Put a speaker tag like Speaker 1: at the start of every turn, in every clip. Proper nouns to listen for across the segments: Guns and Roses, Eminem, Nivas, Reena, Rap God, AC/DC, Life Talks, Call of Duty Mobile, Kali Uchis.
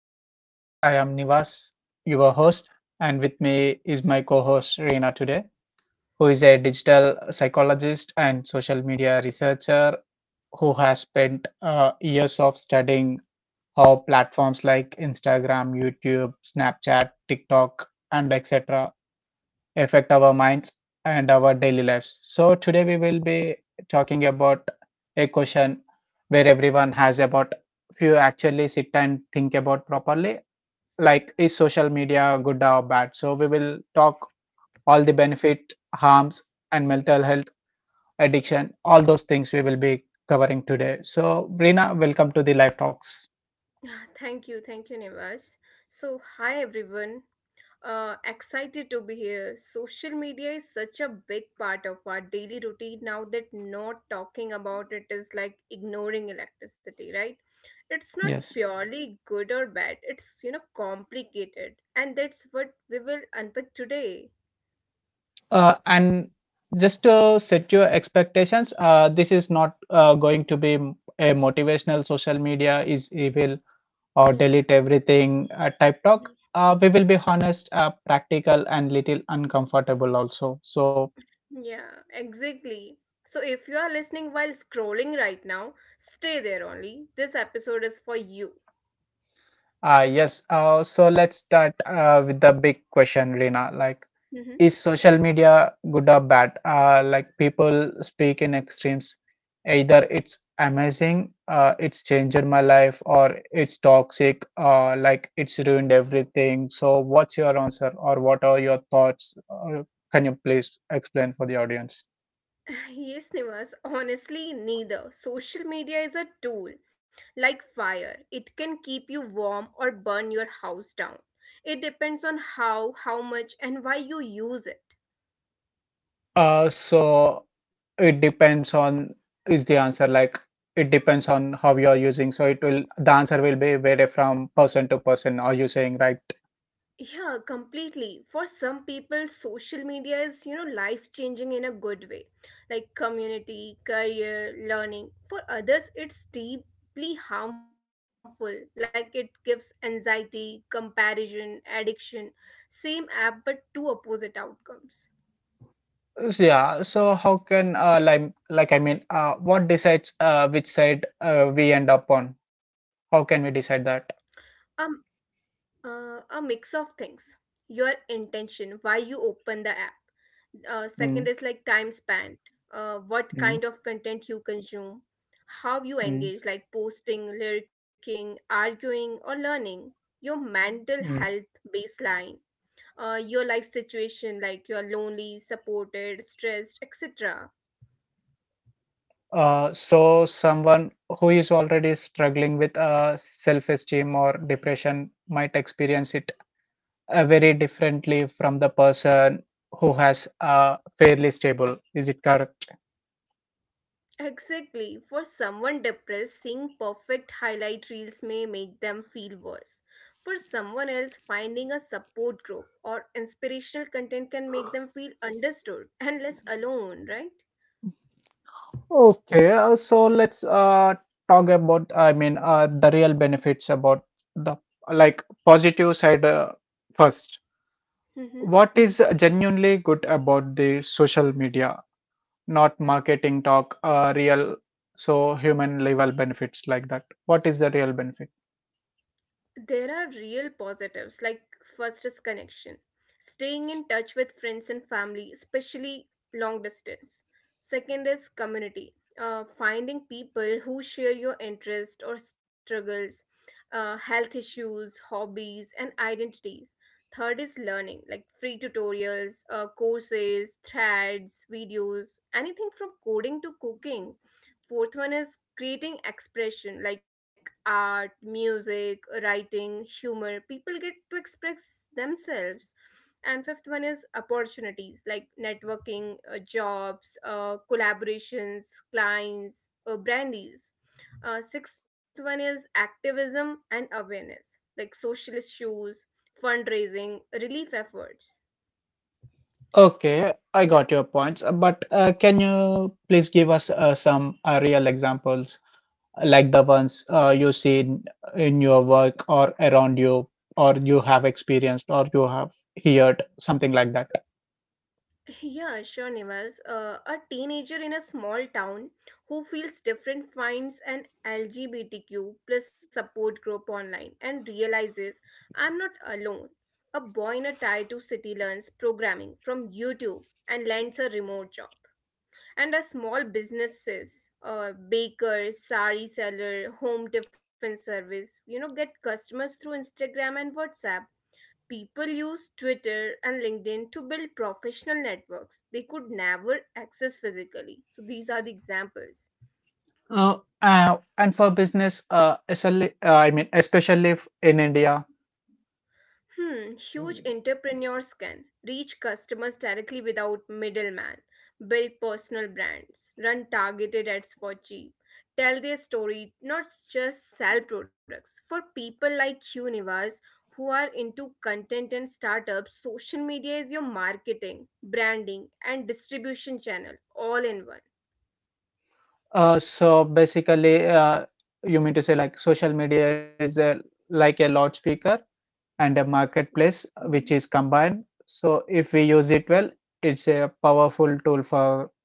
Speaker 1: podcast. I am Nivas, your host, and with me is my co-host Reena today, who is a digital psychologist and social media researcher who has spent years of studying how platforms like Instagram, YouTube, Snapchat, TikTok, and etc affect our minds and our daily lives. So today we will be talking about a question where everyone has about if you actually sit and think about properly, like is social media good or bad? So we will talk all the benefit, harms, and mental health, addiction, all those things we will be covering today. So Rina, welcome to the Life Talks.
Speaker 2: Thank you, Nivas. So, hi everyone. Excited to be here. Social media is such a big part of our daily routine now that not talking about it is like ignoring electricity, right? It's not
Speaker 1: Yes.
Speaker 2: purely good or bad. It's complicated, and that's what we will unpack today.
Speaker 1: And just to set your expectations, this is not going to be a motivational social media is evil or
Speaker 2: Yeah.
Speaker 1: delete everything type talk. We will be honest, practical, and little uncomfortable also. So,
Speaker 2: Yeah, exactly. So if you are listening while scrolling right now, stay there only. This episode is for you.
Speaker 1: yes. so let's start with the big question, Rina. Like, is social media good or bad? Like people speak in extremes. Either it's amazing, it's changed my life, or it's toxic, like it's ruined everything. So, what's your answer, or what are your thoughts? Can you please explain for the audience?
Speaker 2: Yes, Nivas, honestly, neither. Social media is a tool, like fire. It can keep you warm or burn your house down. It depends on how much, and why you use it.
Speaker 1: So it depends on is the answer like it depends on how you are using. So it will the answer will be vary from person to person. Are you saying right?
Speaker 2: Yeah, completely. For some people, social media is, you know, life changing in a good way, like community, career, learning. For others, it's deeply harmful, like it gives anxiety, comparison, addiction. Same app, but two opposite outcomes.
Speaker 1: So, yeah, so how can like I mean, what decides which side we end up on? How can we decide
Speaker 2: Um,
Speaker 1: that?
Speaker 2: A mix of things. Your intention, why you open the app. Second is like time
Speaker 1: Mm,
Speaker 2: spent, what kind of
Speaker 1: mm,
Speaker 2: content you consume, how you engage, like
Speaker 1: mm,
Speaker 2: posting, lurking, arguing, or learning. Your mental health
Speaker 1: mm.
Speaker 2: baseline, your life situation, like you're lonely, supported, stressed, etc.
Speaker 1: So someone who is already struggling with self-esteem or depression might experience it very differently from the person who has fairly stable. Is it correct?
Speaker 2: Exactly. For someone depressed, seeing perfect highlight reels may make them feel worse. For someone else, finding a support group or inspirational content can make them feel understood and less alone, right?
Speaker 1: Okay, so let's talk about, I mean, the real benefits about the like positive side first.
Speaker 2: Mm-hmm.
Speaker 1: What is genuinely good about the social media, not marketing talk, real, so human level benefits like that? What is the real benefit?
Speaker 2: There are real positives, like first is connection, staying in touch with friends and family, especially long distance. Second is community, finding people who share your interests or struggles, health issues, hobbies, and identities. Third is learning, like free tutorials, courses, threads, videos, anything from coding to cooking. Fourth one is creating expression, like art, music, writing, humor. People get to express themselves. And fifth one is opportunities, like networking, jobs, collaborations, clients, brand deals. Sixth one is activism and awareness, like social issues, fundraising, relief efforts.
Speaker 1: Okay, I
Speaker 2: Yeah.
Speaker 1: got your points, but can you please give us some real examples? Like the ones you see in your work or around you or you have experienced or you have heard something like that.
Speaker 2: Yeah, sure, Nivas. A teenager in a small town who feels different finds an LGBTQ plus support group online and realizes I'm not alone. A boy in a tier 2 city learns programming from YouTube and lands a remote job. And a small businesses, bakers, sari seller, home tiffin service, you know, get customers through Instagram and WhatsApp. People use Twitter and LinkedIn to build professional networks they could never access physically. So these are the examples.
Speaker 1: And for business especially if in India.
Speaker 2: Hmm, huge entrepreneurs can reach customers directly without middleman, build personal brands, run targeted ads for cheap, tell their story, not just sell products. For people like Universe who are into content and startups, social media is your marketing, branding, and distribution channel all in one.
Speaker 1: So basically, you mean to say like social media is like a loudspeaker and a marketplace
Speaker 2: Mm.
Speaker 1: which is combined, so if we use it well it's a powerful tool for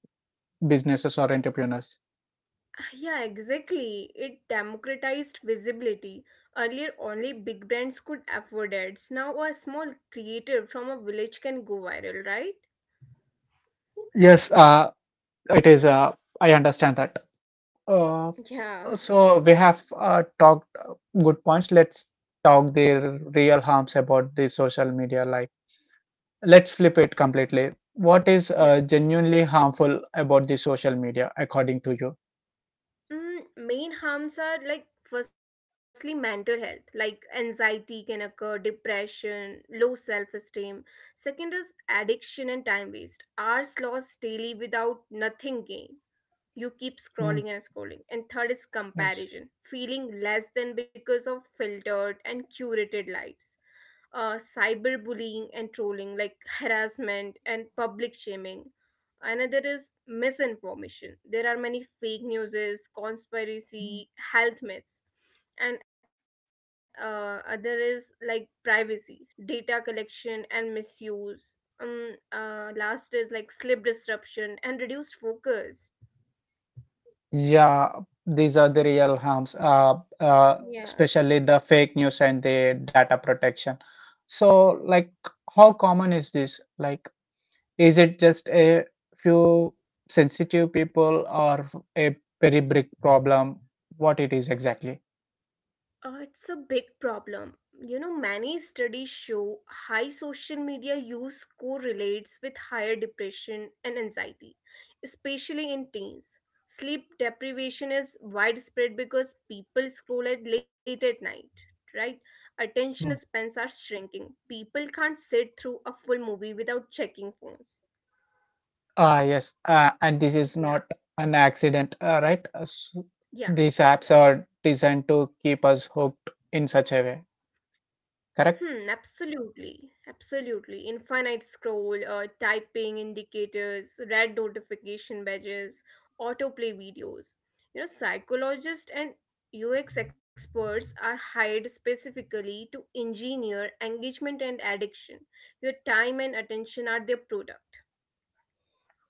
Speaker 1: businesses or entrepreneurs.
Speaker 2: Yeah, exactly. It democratized visibility. Earlier, only big brands could afford ads. Now, a small creator from a village can go viral, right?
Speaker 1: Yes, it is. I understand that. uh,
Speaker 2: Yeah.
Speaker 1: so we have talked good points. Let's talk the real harms about the social media, like let's flip it completely. What is
Speaker 2: Yeah.
Speaker 1: genuinely harmful about the social media according to you?
Speaker 2: Mm, main harms are like firstly mental health, like anxiety can occur, depression, low self esteem. Second is addiction and time waste. Hours lost daily without nothing gained. You keep
Speaker 1: Mm,
Speaker 2: scrolling and scrolling. And third is
Speaker 1: yes.
Speaker 2: comparison, feeling less than because of filtered and curated lives. Cyberbullying and trolling, like harassment and public shaming. Another is misinformation, there are many fake newses, conspiracy, health myths. And other is like privacy, data collection and misuse. Last is like sleep disruption and reduced focus.
Speaker 1: Yeah, these are the real harms, especially the
Speaker 2: Yeah.
Speaker 1: fake news and the data protection. So like how common is this? Like is it just a few sensitive people or a very big problem? What it is exactly?
Speaker 2: It's a big problem. You know, many studies show high social media use correlates with higher depression and anxiety, especially in teens. Sleep deprivation is widespread because people scroll at late at night, right? Attention
Speaker 1: Hmm.
Speaker 2: spans are shrinking. People can't sit through a full movie without checking phones.
Speaker 1: Ah, yes. And this is
Speaker 2: Yeah,
Speaker 1: not an accident, right?
Speaker 2: yeah.
Speaker 1: These apps are designed to keep us hooked in such a way, correct?
Speaker 2: Hmm, absolutely. Absolutely. Infinite scroll, typing indicators, red notification badges, autoplay videos. You know, psychologists and UX experts are hired specifically to engineer engagement and addiction. Your time and attention are their product.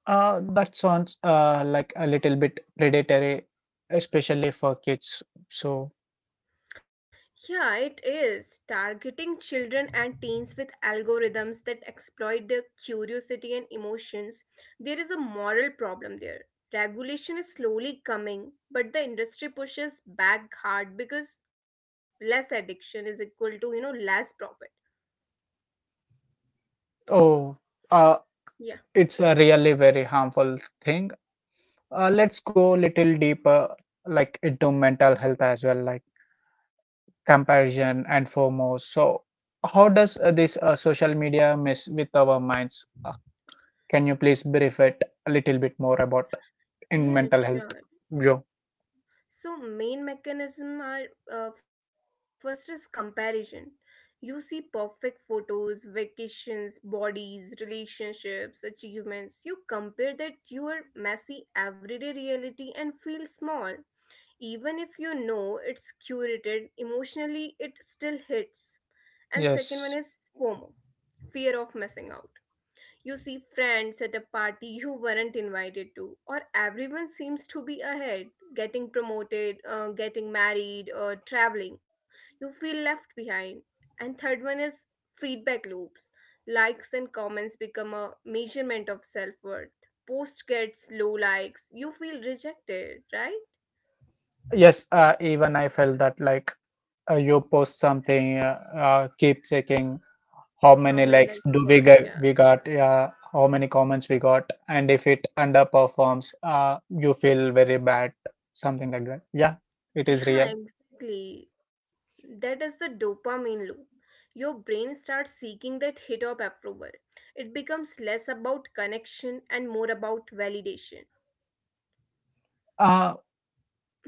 Speaker 1: That sounds like a little bit predatory, especially for kids. So,
Speaker 2: Yeah, it is. Targeting children and teens with algorithms that exploit their curiosity and emotions, there is a moral problem there. Regulation is slowly coming, but the industry pushes back hard because less addiction is equal to, you know, less profit.
Speaker 1: oh, uh,
Speaker 2: Yeah.
Speaker 1: it's a really very harmful thing. Let's go little deeper, like into mental health as well, like comparison and foremost. So, how does this social media mess with our minds? Uh, can you please brief it a little bit more about in
Speaker 2: Yeah,
Speaker 1: mental health,
Speaker 2: sure.
Speaker 1: Joe?
Speaker 2: So main mechanism are first is comparison. You see perfect photos, vacations, bodies, relationships, achievements. You compare that your messy everyday reality and feel small. Even if you know it's curated, emotionally it still hits. And second one
Speaker 1: Yes,
Speaker 2: is FOMO, fear of missing out. You see friends at a party you weren't invited to, or everyone seems to be ahead, getting promoted, getting married, or traveling. You feel left behind. And third one is feedback loops. Likes and comments become a measurement of self worth. Post gets low likes, you feel rejected, right?
Speaker 1: yes. Even I felt that like you post something, keep checking how
Speaker 2: How
Speaker 1: many
Speaker 2: many likes
Speaker 1: likes
Speaker 2: you
Speaker 1: do
Speaker 2: got?
Speaker 1: we
Speaker 2: Yeah.
Speaker 1: get we got, yeah, how many comments we got, and if it underperforms you feel very bad, something like that. Yeah, it is
Speaker 2: Yeah,
Speaker 1: real.
Speaker 2: exactly. That is the dopamine loop. Your brain starts seeking that hit of approval. It becomes less about connection and more about validation.
Speaker 1: uh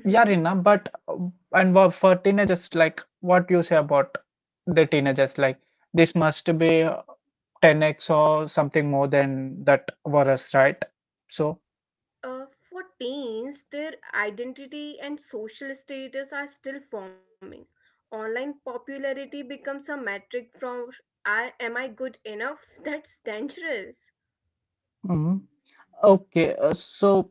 Speaker 1: yeah Rina, but for teenagers, like what you say about the teenagers, like this must be 10x or something more than that for us, right? So
Speaker 2: For teens, their identity and social status are still forming. Online popularity becomes a metric from I am I good enough? That's dangerous.
Speaker 1: mhm. Okay, uh, so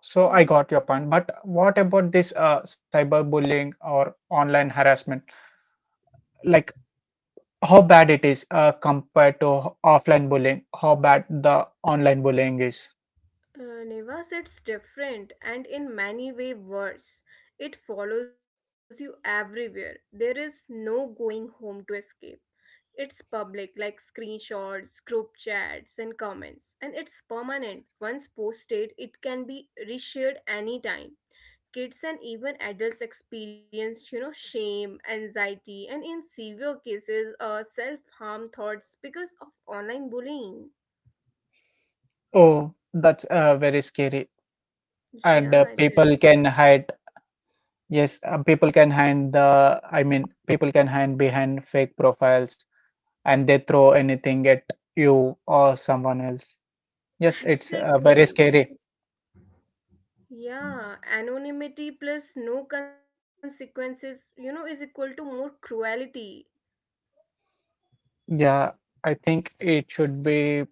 Speaker 1: So I got your point, but what about this cyberbullying or online harassment? Like how bad it is compared to offline bullying? How bad the online bullying is?
Speaker 2: Nevas, it's different and in many ways worse. It follows you everywhere. There is no going home to escape. It's public, like screenshots, group chats, and comments. And it's permanent. Once posted, it can be reshared anytime. Kids and even adults experience, you know, shame, anxiety, and in severe cases, self-harm thoughts because of online bullying.
Speaker 1: Oh, that's very scary. And
Speaker 2: Yeah, it is.
Speaker 1: people can hide. Yes, people can hide the. I mean, people can hide behind fake profiles, and they throw anything at you or someone else. Yes, it's very
Speaker 2: Exactly.
Speaker 1: scary.
Speaker 2: Yeah, anonymity plus no consequences, you know, is equal to more cruelty.
Speaker 1: Yeah, I think it should be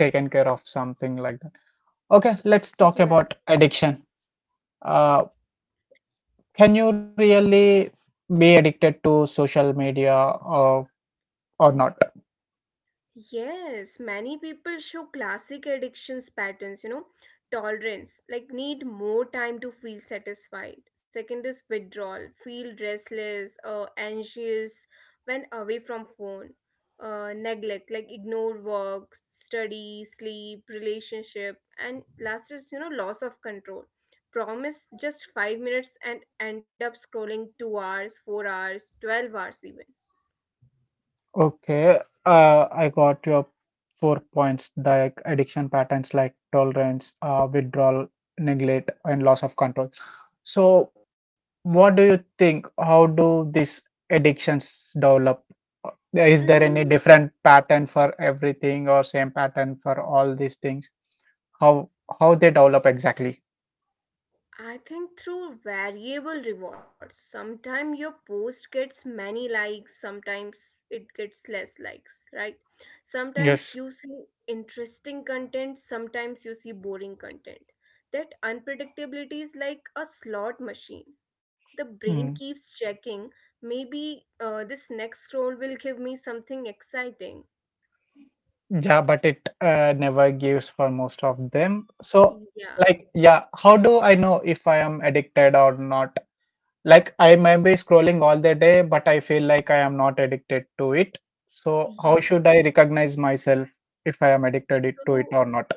Speaker 1: taken care of something like that. Okay, let's talk about addiction. uh, can you really be addicted to social media or not?
Speaker 2: Yes, many people show classic addictions patterns, you know, tolerance, like need more time to feel satisfied. Second is withdrawal, feel restless, anxious when away from phone. Neglect, like ignore work, study, sleep, relationship, and last is, you know, loss of control. Promise just 5 minutes and end up scrolling 2 hours, 4 hours, 12 hours even.
Speaker 1: Okay, I got your 4 points like addiction patterns, like tolerance, withdrawal, neglect, and loss of control. So what do you think? How do these addictions develop? Is there any
Speaker 2: Mm,
Speaker 1: different pattern for everything or same pattern for all these things? how how they develop exactly?
Speaker 2: I think through variable rewards. Sometimes your post gets many likes, sometimes it gets less likes, right?
Speaker 1: Yes.
Speaker 2: Sometimes you see interesting content, sometimes you see boring content. That unpredictability is like a slot machine. The brain
Speaker 1: Mm,
Speaker 2: keeps checking, maybe this next scroll will give me something exciting.
Speaker 1: yeah, but it never gives for most of them. So,
Speaker 2: Yeah,
Speaker 1: like, yeah, how do I know if I am addicted or not? Like, I may be scrolling all the day, but I feel like I am not addicted to it. So, how
Speaker 2: yeah.
Speaker 1: should I recognize myself if I am to it
Speaker 2: So
Speaker 1: or not?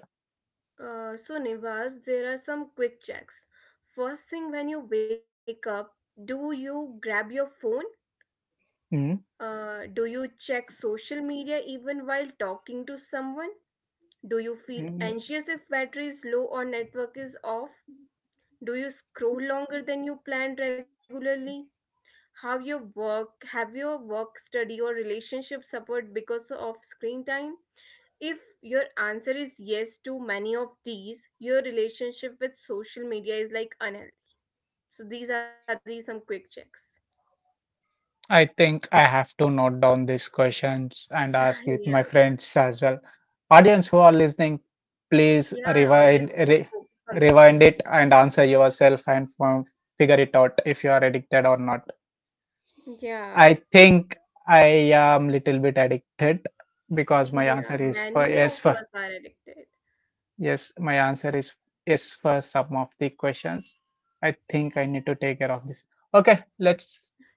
Speaker 2: so, Nivas, there are some quick checks. First thing when you wake up, do you grab your phone?
Speaker 1: Mm.
Speaker 2: Do you check social media even while talking to someone? Do you feel anxious if battery is low or network is off? Do you scroll longer than you planned regularly? Have your work, study, or relationship suffered because of screen time? If your answer is yes to many of these, your relationship with social media is like unhealthy. So these are the some quick checks.
Speaker 1: I think I have to note down these questions and ask with my
Speaker 2: Yeah,
Speaker 1: friends as well. Audience who are listening, please
Speaker 2: yeah, audience please focus on
Speaker 1: rewind
Speaker 2: these.
Speaker 1: it and answer yourself and figure it out if you are addicted or not.
Speaker 2: Yeah,
Speaker 1: I think I am little bit addicted because my
Speaker 2: yeah,
Speaker 1: answer is for
Speaker 2: many of
Speaker 1: yes for
Speaker 2: us are addicted.
Speaker 1: yes. My answer is yes for some of the questions. I think I need to take care of this. Okay, let's
Speaker 2: Yeah,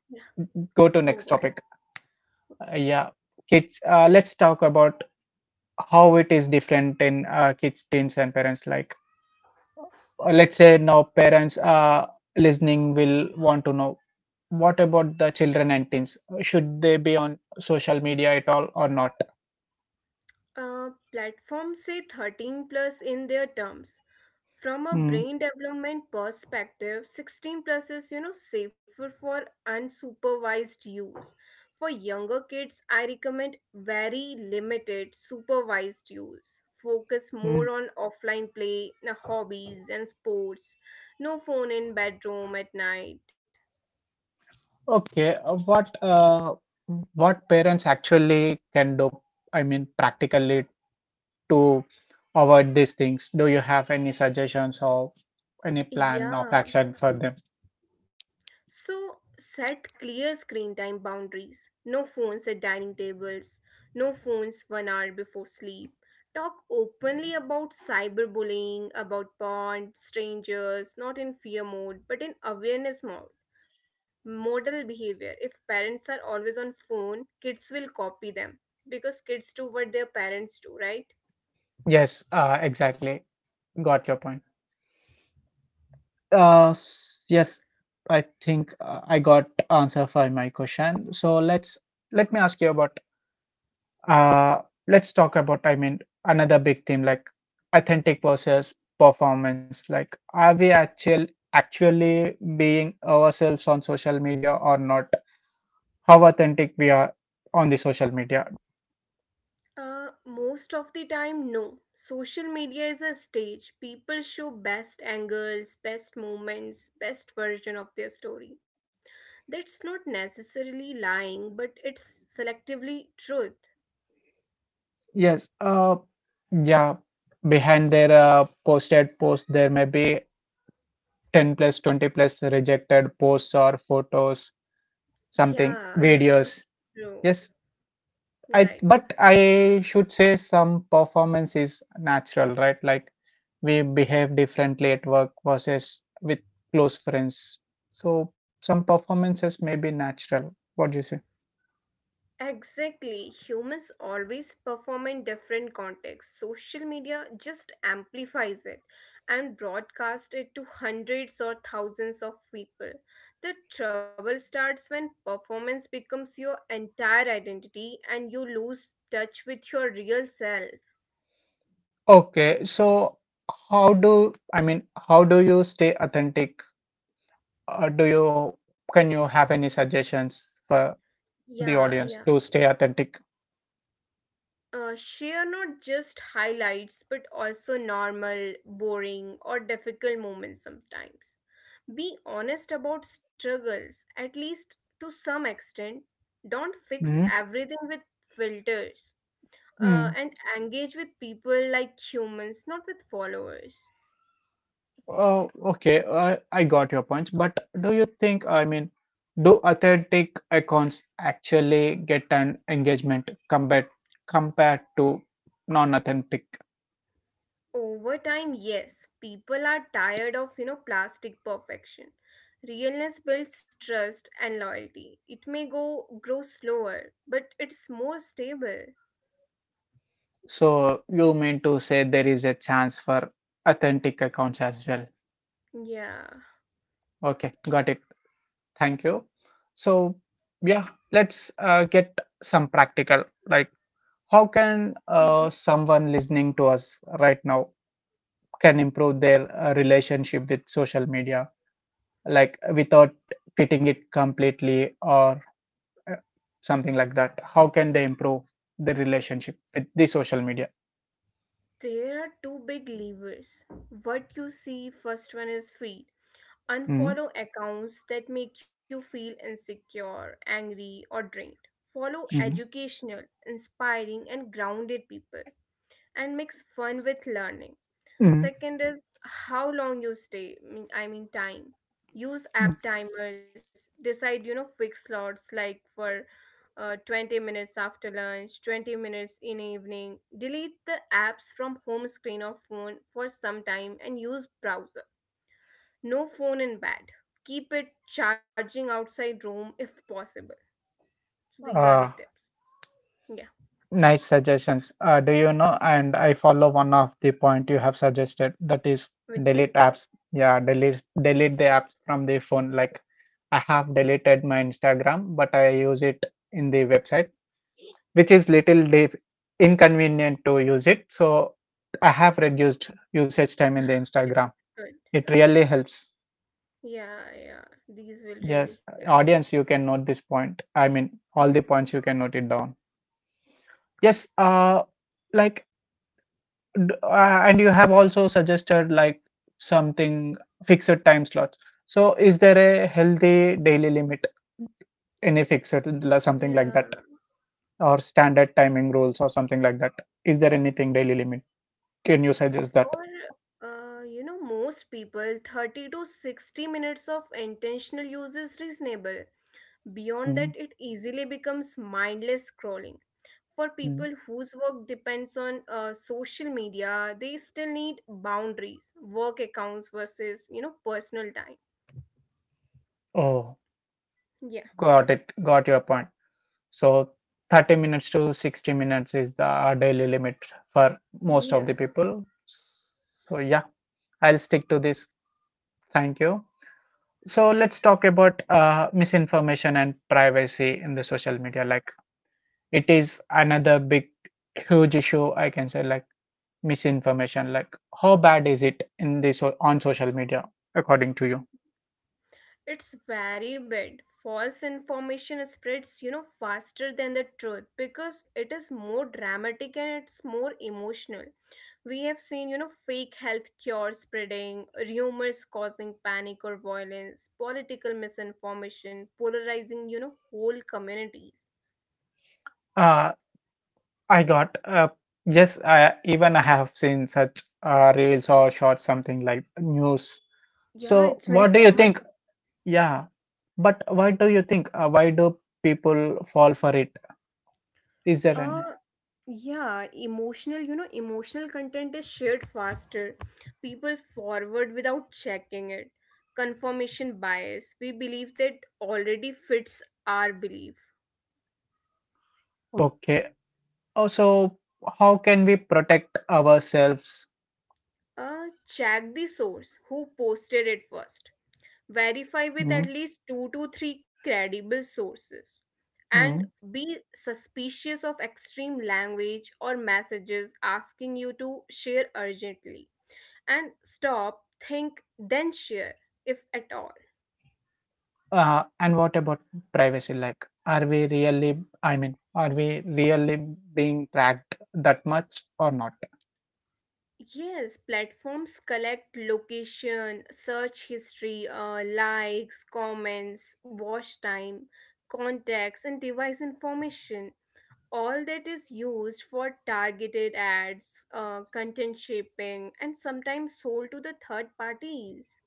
Speaker 1: go to
Speaker 2: move
Speaker 1: next
Speaker 2: on.
Speaker 1: topic. Yeah, it's let's talk about how it is different in kids, teens, and parents. Like, let's say now parents listening will want to know what about the children and teens? Should they be on social media at all or not?
Speaker 2: Platforms say 13 plus in their terms. From a
Speaker 1: Mm,
Speaker 2: brain development perspective, 16 plus is you know safer for unsupervised use. For younger kids, I recommend very limited supervised use. Focus
Speaker 1: mm.
Speaker 2: more on offline play, hobbies, and sports. No phone in bedroom at night.
Speaker 1: Okay, what parents actually can do? I mean, practically to avoid these things. Do you have any suggestions or any plan of
Speaker 2: Yeah,
Speaker 1: action for them?
Speaker 2: so set clear screen time boundaries. No phones at dining tables, no phones 1 hour before sleep. Talk openly about cyberbullying, about porn, strangers, not in fear mode, but in awareness mode. Model behavior. If parents are always on phone, kids will copy them because kids do what their parents do, right?
Speaker 1: Yes, exactly. Got your point. Yes, I think I got answer for my question. So let me ask you about uh let's talk about, I mean, another big theme like authentic versus performance. Like are we actually being ourselves on social media or not? How authentic we are on the social media?
Speaker 2: Most of the time, no. Social media is a stage. People show best angles, best moments, best version of their story. That's not necessarily lying, but it's selectively truth.
Speaker 1: Yes. Yeah. Behind their posted post, there may be 10 plus 20 plus rejected posts or photos,
Speaker 2: Yeah,
Speaker 1: something, videos.
Speaker 2: true.
Speaker 1: Yes, i
Speaker 2: Right.
Speaker 1: I should say some performance is natural, right? Like we behave differently at work versus with close friends. So some performances may be natural. What do you say?
Speaker 2: Exactly. Humans always perform in different contexts. Social media just amplifies it and broadcasts it to hundreds or thousands of people. The trouble starts when performance becomes your entire identity and you lose touch with your real self.
Speaker 1: Okay, so how do i mean how do you stay authentic? Do you can you have any suggestions for the
Speaker 2: Yeah,
Speaker 1: audience
Speaker 2: yeah.
Speaker 1: to stay authentic?
Speaker 2: Share not just highlights but also normal, boring, or difficult moments sometimes. Be honest about struggles, at least to some extent. Don't fix everything with filters.
Speaker 1: Mhm.
Speaker 2: And engage with people like humans, not with followers.
Speaker 1: Oh, okay. I got your point. But do you think, I mean, do authentic accounts actually get an engagement compared to non-authentic?
Speaker 2: Over time, yes, people are tired of, you know, plastic perfection. Realness builds trust and loyalty. It may go grow slower, but it's more stable.
Speaker 1: So you mean to say there is a chance for authentic accounts as well?
Speaker 2: Yeah.
Speaker 1: Okay, got it. Thank you. So yeah, let's get some practical. Like, how can
Speaker 2: Mhm.
Speaker 1: someone listening to us right now can improve their relationship with social media? Like without fitting it completely or uh, something like that, how can they improve the relationship with the social media?
Speaker 2: There are two big levers. What you see first one is feed.
Speaker 1: Mm,
Speaker 2: Unfollow accounts that make you feel insecure, angry, or drained. Follow
Speaker 1: mm,
Speaker 2: educational, inspiring, and grounded people and mix fun with learning.
Speaker 1: mm,
Speaker 2: Second is how long you stay. I mean time. Use
Speaker 1: mm.
Speaker 2: app timers. Decide you know fixed slots like for 20 minutes after lunch, 20 minutes in evening. Delete the apps from home screen or phone for some time and use browser. No phone in bed. Keep it charging outside room if possible. So these are the
Speaker 1: Uh,
Speaker 2: tips. Yeah,
Speaker 1: nice suggestions. Do you know and I follow one of the point you have suggested, that is
Speaker 2: which one?
Speaker 1: delete apps. Yeah, delete the apps from the phone. Like I have deleted my Instagram, but I use it in the website, which is inconvenient to use it. So I have reduced usage time in the
Speaker 2: Okay,
Speaker 1: Instagram.
Speaker 2: that's good.
Speaker 1: It really helps.
Speaker 2: Yeah, yeah, these will
Speaker 1: Yes,
Speaker 2: really help.
Speaker 1: audience, you can note this point. I mean, all the points you can note it down. Yes, like, and you have also suggested like something fixed time slots. So, is there a healthy daily limit? Any something like
Speaker 2: Yeah,
Speaker 1: that, or standard timing rules, or something like that? Is there anything daily limit? Can you suggest
Speaker 2: for
Speaker 1: that?
Speaker 2: you know most people, 30 to 60 minutes of intentional use is reasonable. Beyond that, it easily becomes mindless scrolling. For people
Speaker 1: Mm.
Speaker 2: whose work depends on social media, they still need boundaries, work accounts versus personal time.
Speaker 1: Oh,
Speaker 2: Yeah,
Speaker 1: got it. Got your point. So 30 minutes to 60 minutes is the our daily limit for most of
Speaker 2: yeah,
Speaker 1: the people. So yeah, I'll stick to this. Thank you. So let's talk about misinformation and privacy in the social media. Like it is another big, huge issue. I can say like misinformation. Like how bad is it in the so on social media, according to you?
Speaker 2: it's very bad. False information spreads faster than the truth because it is more dramatic and it's more emotional. We have seen, fake health cures spreading, rumors causing panic or violence, political misinformation, polarizing, whole communities.
Speaker 1: Uh, I got yes, I have seen such reels or shorts, something like news.
Speaker 2: Yeah,
Speaker 1: So,
Speaker 2: it's very
Speaker 1: what do you
Speaker 2: common.
Speaker 1: think? Yeah, but why do you think? Why do people fall for it? Is there an
Speaker 2: Uh, yeah, emotional, emotional content is shared faster. People forward without checking it. Confirmation bias. We believe that already fits our belief.
Speaker 1: okay? Also, how can we protect ourselves?
Speaker 2: Check the source. Who posted it first? Verify with
Speaker 1: Mm,
Speaker 2: at least two to three credible sources, and
Speaker 1: mm.
Speaker 2: be suspicious of extreme language or messages asking you to share urgently, and stop, think, then share if at all.
Speaker 1: And what about privacy? Like, are we really? Are we really being tracked that much or not?
Speaker 2: Yes, platforms collect location, search history, likes, comments, watch time, contacts, and device information. All that is used for targeted ads, content shaping, and sometimes sold to the third parties.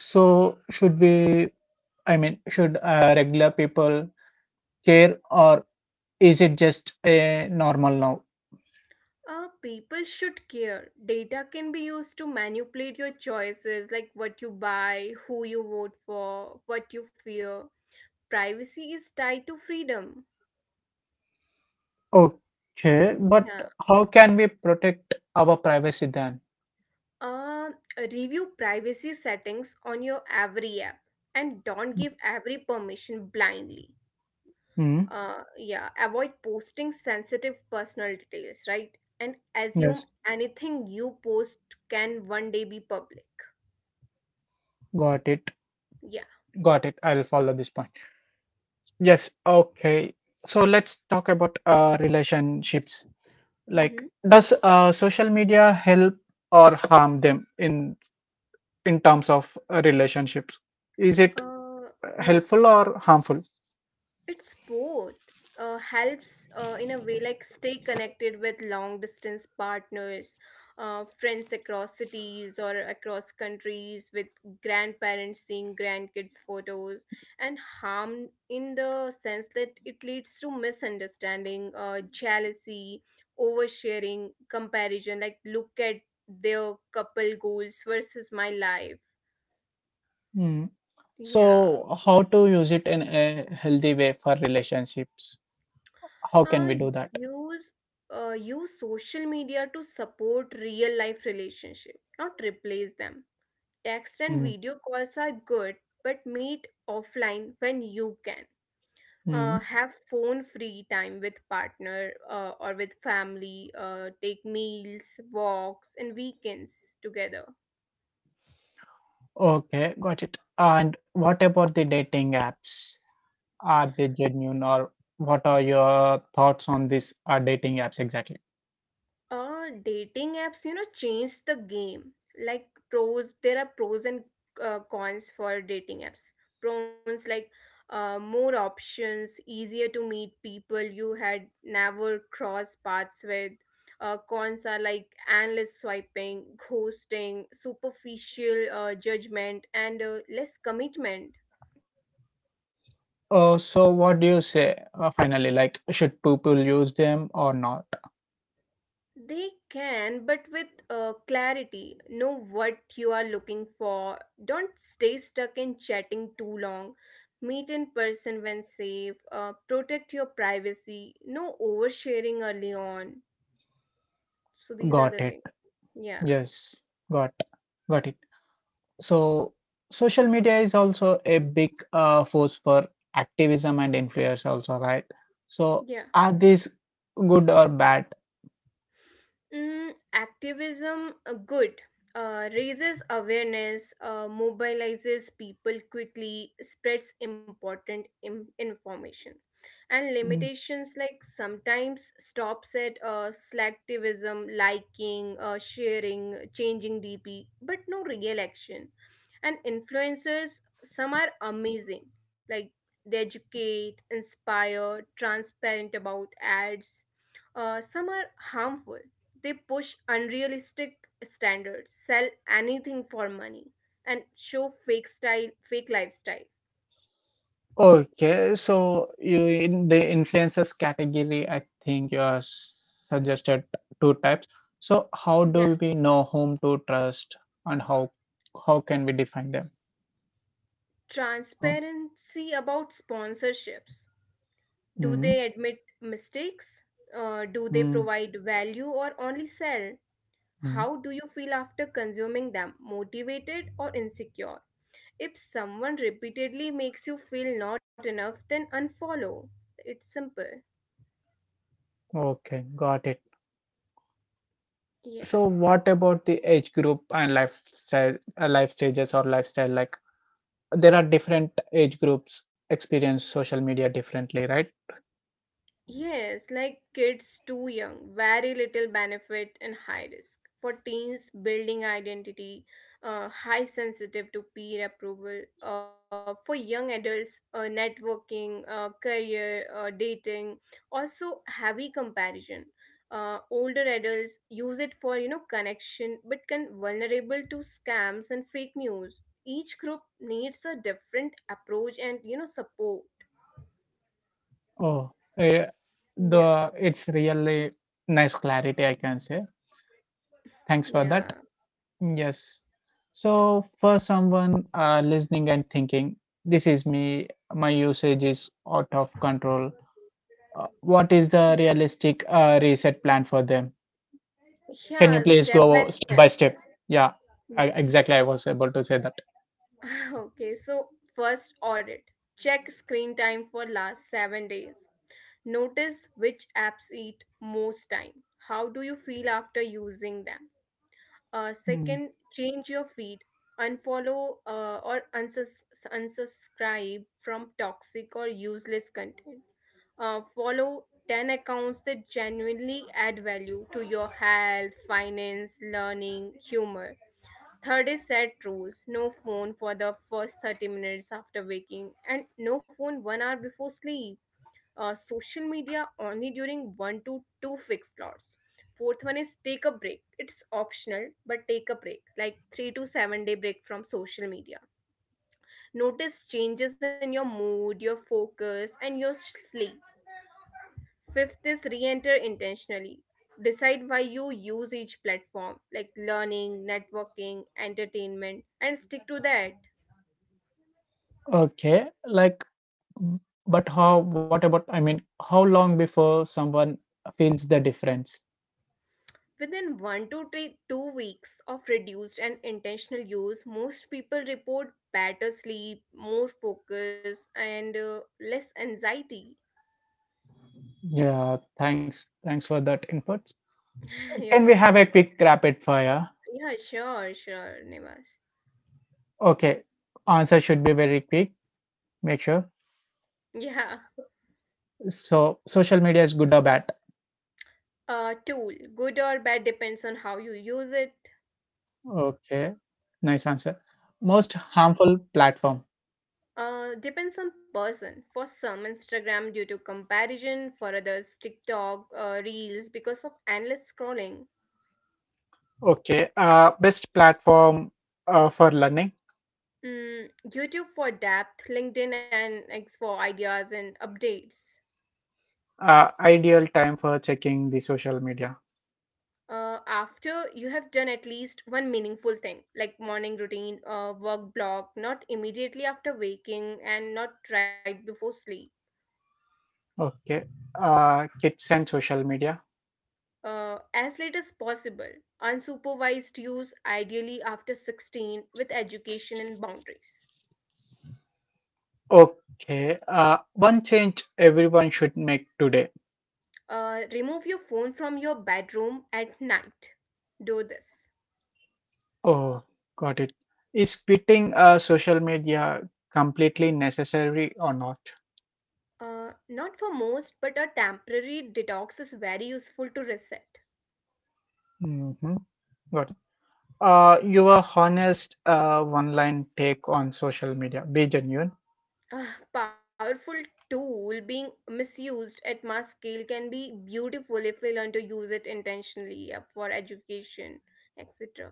Speaker 1: So, should we I mean, should regular people care, or is it just a normal now?
Speaker 2: People should care. Data can be used to manipulate your choices, like what you buy, who you vote for, what you fear. Privacy is tied to freedom.
Speaker 1: Okay, but
Speaker 2: Yeah.
Speaker 1: how can we protect our privacy then?
Speaker 2: Uh, Review privacy settings on your every app, and don't give every permission blindly.
Speaker 1: Hmm.
Speaker 2: Yeah, avoid posting sensitive personal details, right, and assume
Speaker 1: Yes,
Speaker 2: anything you post can one day be public.
Speaker 1: got it.
Speaker 2: Yeah.
Speaker 1: Got it. I'll follow this point. Yes, okay. So let's talk about relationships. Like,
Speaker 2: Mm-hmm.
Speaker 1: does social media help or harm them in terms of relationships? Is it
Speaker 2: uh yeah,
Speaker 1: helpful or harmful?
Speaker 2: it's both. Helps in a way, like stay connected with long distance partners, friends across cities or across countries, with grandparents seeing grandkids' photos, and harm in the sense that it leads to misunderstanding, jealousy, oversharing, comparison. Like, look at their couple goals versus my life. Yeah.
Speaker 1: So, how to use it in a healthy way for relationships? How can
Speaker 2: uh,
Speaker 1: we do that?
Speaker 2: use use social media to support real life relationship, not replace them. Text and
Speaker 1: Mm,
Speaker 2: video calls are good, but meet offline when you can.
Speaker 1: mm.
Speaker 2: Have phone free time with partner, or with family. Take meals, walks, and weekends together.
Speaker 1: Okay, got it. And what about the dating apps? Are they genuine, or what are your thoughts on these dating apps exactly?
Speaker 2: Dating apps, changed the game. Like pros, there are pros and cons for dating apps. Pros, like more options, easier to meet people you had never crossed paths with. Cons are like endless swiping, ghosting, superficial judgment, and less commitment.
Speaker 1: So, what do you say finally? Like, should people use them or not?
Speaker 2: They can, but with clarity. Know what you are looking for. Don't stay stuck in chatting too long. Meet in person when safe. Protect your privacy. No oversharing early on. So these are
Speaker 1: Got
Speaker 2: the
Speaker 1: it.
Speaker 2: things. Yeah.
Speaker 1: Yes, got, got it. So social media is also a big force for activism and influence also, right? So
Speaker 2: Yeah.
Speaker 1: are these good or bad?
Speaker 2: Mm, activism, good. Raises awareness, mobilizes people quickly, spreads important information. And
Speaker 1: Mm.
Speaker 2: limitations, like sometimes stops at selectivism, liking, sharing, changing DP, but no real action. And influencers, some are amazing, like they educate, inspire, transparent about ads. Some are harmful. They push unrealistic standards, sell anything for money, and show fake style, fake lifestyle.
Speaker 1: Okay, so you, in the influencers category, I think you are suggested two types. So how
Speaker 2: Yeah.
Speaker 1: do we know whom to trust, and how can we define them? Oh,
Speaker 2: Transparency about sponsorships. Do
Speaker 1: mm,
Speaker 2: they admit mistakes? Do they
Speaker 1: mm,
Speaker 2: provide value or only sell?
Speaker 1: mm.
Speaker 2: How do you feel after consuming them? Motivated or insecure? If someone repeatedly makes you feel not enough, then unfollow. It's simple.
Speaker 1: Okay, got it.
Speaker 2: Yeah.
Speaker 1: So what about the age group and lifestyle, life stages or lifestyle? Like, there are different age groups experience social media differently, right?
Speaker 2: Yes, like kids too young, very little benefit and high risk. For teens, building identity, high sensitive to peer approval. For young adults, networking, career, dating, also heavy comparison. Older adults use it for connection, but can vulnerable to scams and fake news. Each group needs a different approach and support.
Speaker 1: Oh, eh,
Speaker 2: Yeah,
Speaker 1: the it's really nice clarity, I can say. Thanks for
Speaker 2: yeah,
Speaker 1: that. Yes. So for someone listening and thinking, this is me. My usage is out of control. What is the
Speaker 2: yeah.
Speaker 1: realistic reset plan for them? Can you
Speaker 2: Yeah,
Speaker 1: please
Speaker 2: step by
Speaker 1: go step
Speaker 2: step.
Speaker 1: by step? Yeah,
Speaker 2: Yeah.
Speaker 1: I, exactly. I was able to say that.
Speaker 2: Okay, so first, audit. Check screen time for last 7 days. Notice which apps eat most time. How do you feel after using them?
Speaker 1: Mm.
Speaker 2: Second, change your feed. Unfollow or unsubscribe from toxic or useless content. Follow 10 accounts that genuinely add value to your health, finance, learning, humor. Third is, set rules: no phone for the first 30 minutes after waking, and no phone 1 hour before sleep. Social media only during one to two fixed slots. Fourth one is, take a break. It's optional, but take a break, like 3 to 7 day break from social media. Notice changes in your mood, your focus, and your sleep. Fifth is, re-enter intentionally. Decide why you use each platform, like learning, networking, entertainment, and stick to that.
Speaker 1: Okay, like, but how, what about, I mean, how long before someone feels the difference?
Speaker 2: Within one to three, 2 weeks of reduced and intentional use, most people report better sleep, more focus, and less anxiety.
Speaker 1: Yeah, thanks. Thanks for that input. Can
Speaker 2: You're
Speaker 1: we have a
Speaker 2: welcome.
Speaker 1: quick rapid fire?
Speaker 2: Yeah, sure, sure, Nivas.
Speaker 1: Okay, answer should be very quick. Make sure.
Speaker 2: Yeah.
Speaker 1: So, social media is good or bad?
Speaker 2: Tool, good or bad depends on how you use it.
Speaker 1: Okay, nice answer. Most harmful platform?
Speaker 2: Depends on person. For some, Instagram due to comparison. For others, TikTok, Reels, because of endless scrolling.
Speaker 1: Okay, best platform for learning?
Speaker 2: Mm, YouTube for depth, LinkedIn and X for ideas and updates.
Speaker 1: Uh, Ideal time for checking the social media.
Speaker 2: After you have done at least one meaningful thing, like morning routine, work block, not immediately after waking and not right before sleep.
Speaker 1: Okay. Kids and social media.
Speaker 2: As late as possible. Unsupervised use, ideally after 16, with education and boundaries.
Speaker 1: Okay. One change everyone should make today.
Speaker 2: Remove your phone from your bedroom at night. Do this.
Speaker 1: Oh, got it. Is quitting social media completely necessary or not?
Speaker 2: Not for most, but a temporary detox is very useful to reset.
Speaker 1: Mm-hmm. Got it. Your honest one line take on social media. Be genuine.
Speaker 2: A powerful tool being misused at mass scale can be beautiful if we learn to use it intentionally, for education, etc.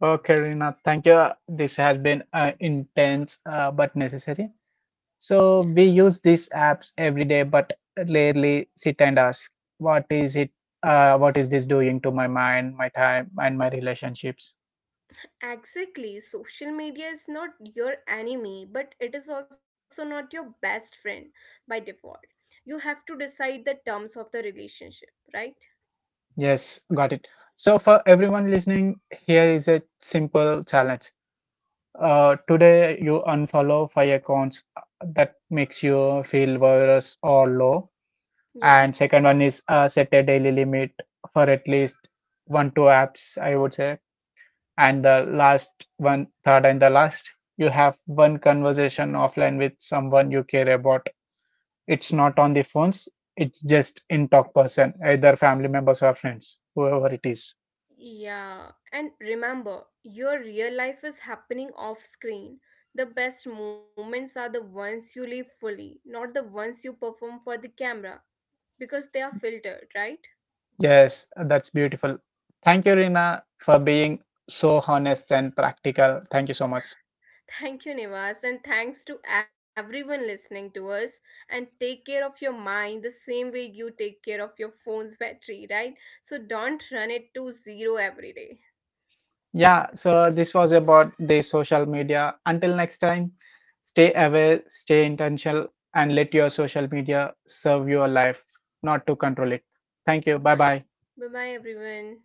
Speaker 1: Okay, Rina. Thank you. This has been intense but necessary. So we use these apps every day, but rarely sit and ask, what is it? What is this doing to my mind, my time, and my relationships?
Speaker 2: Exactly. Social media is not your enemy, but it is also not your best friend by default. You have to decide the terms of the relationship, right?
Speaker 1: Yes, got it. So for everyone listening, here is a simple challenge. Today you unfollow five accounts that makes you feel worse or low.
Speaker 2: Yeah.
Speaker 1: And second one is set a daily limit for at least one two apps, I would say. And the last one, third and the last, you have one conversation offline with someone you care about. It's not on the phones, it's just in talk person, either family members or friends, whoever it is.
Speaker 2: Yeah. And remember, your real life is happening off screen. The best moments are the ones you live fully, not the ones you perform for the camera, because they are filtered, right?
Speaker 1: Yes, that's beautiful. Thank you, Rina, for being so honest and practical. Thank you so much.
Speaker 2: Thank you, Nivas, and thanks to everyone listening to us. And take care of your mind the same way you take care of your phone's battery, right? So don't run it to zero every day.
Speaker 1: Yeah, so this was about the social media. Until next time, stay aware, stay intentional, and let your social media serve your life, not to control it. Thank you. Bye bye.
Speaker 2: Bye bye, everyone.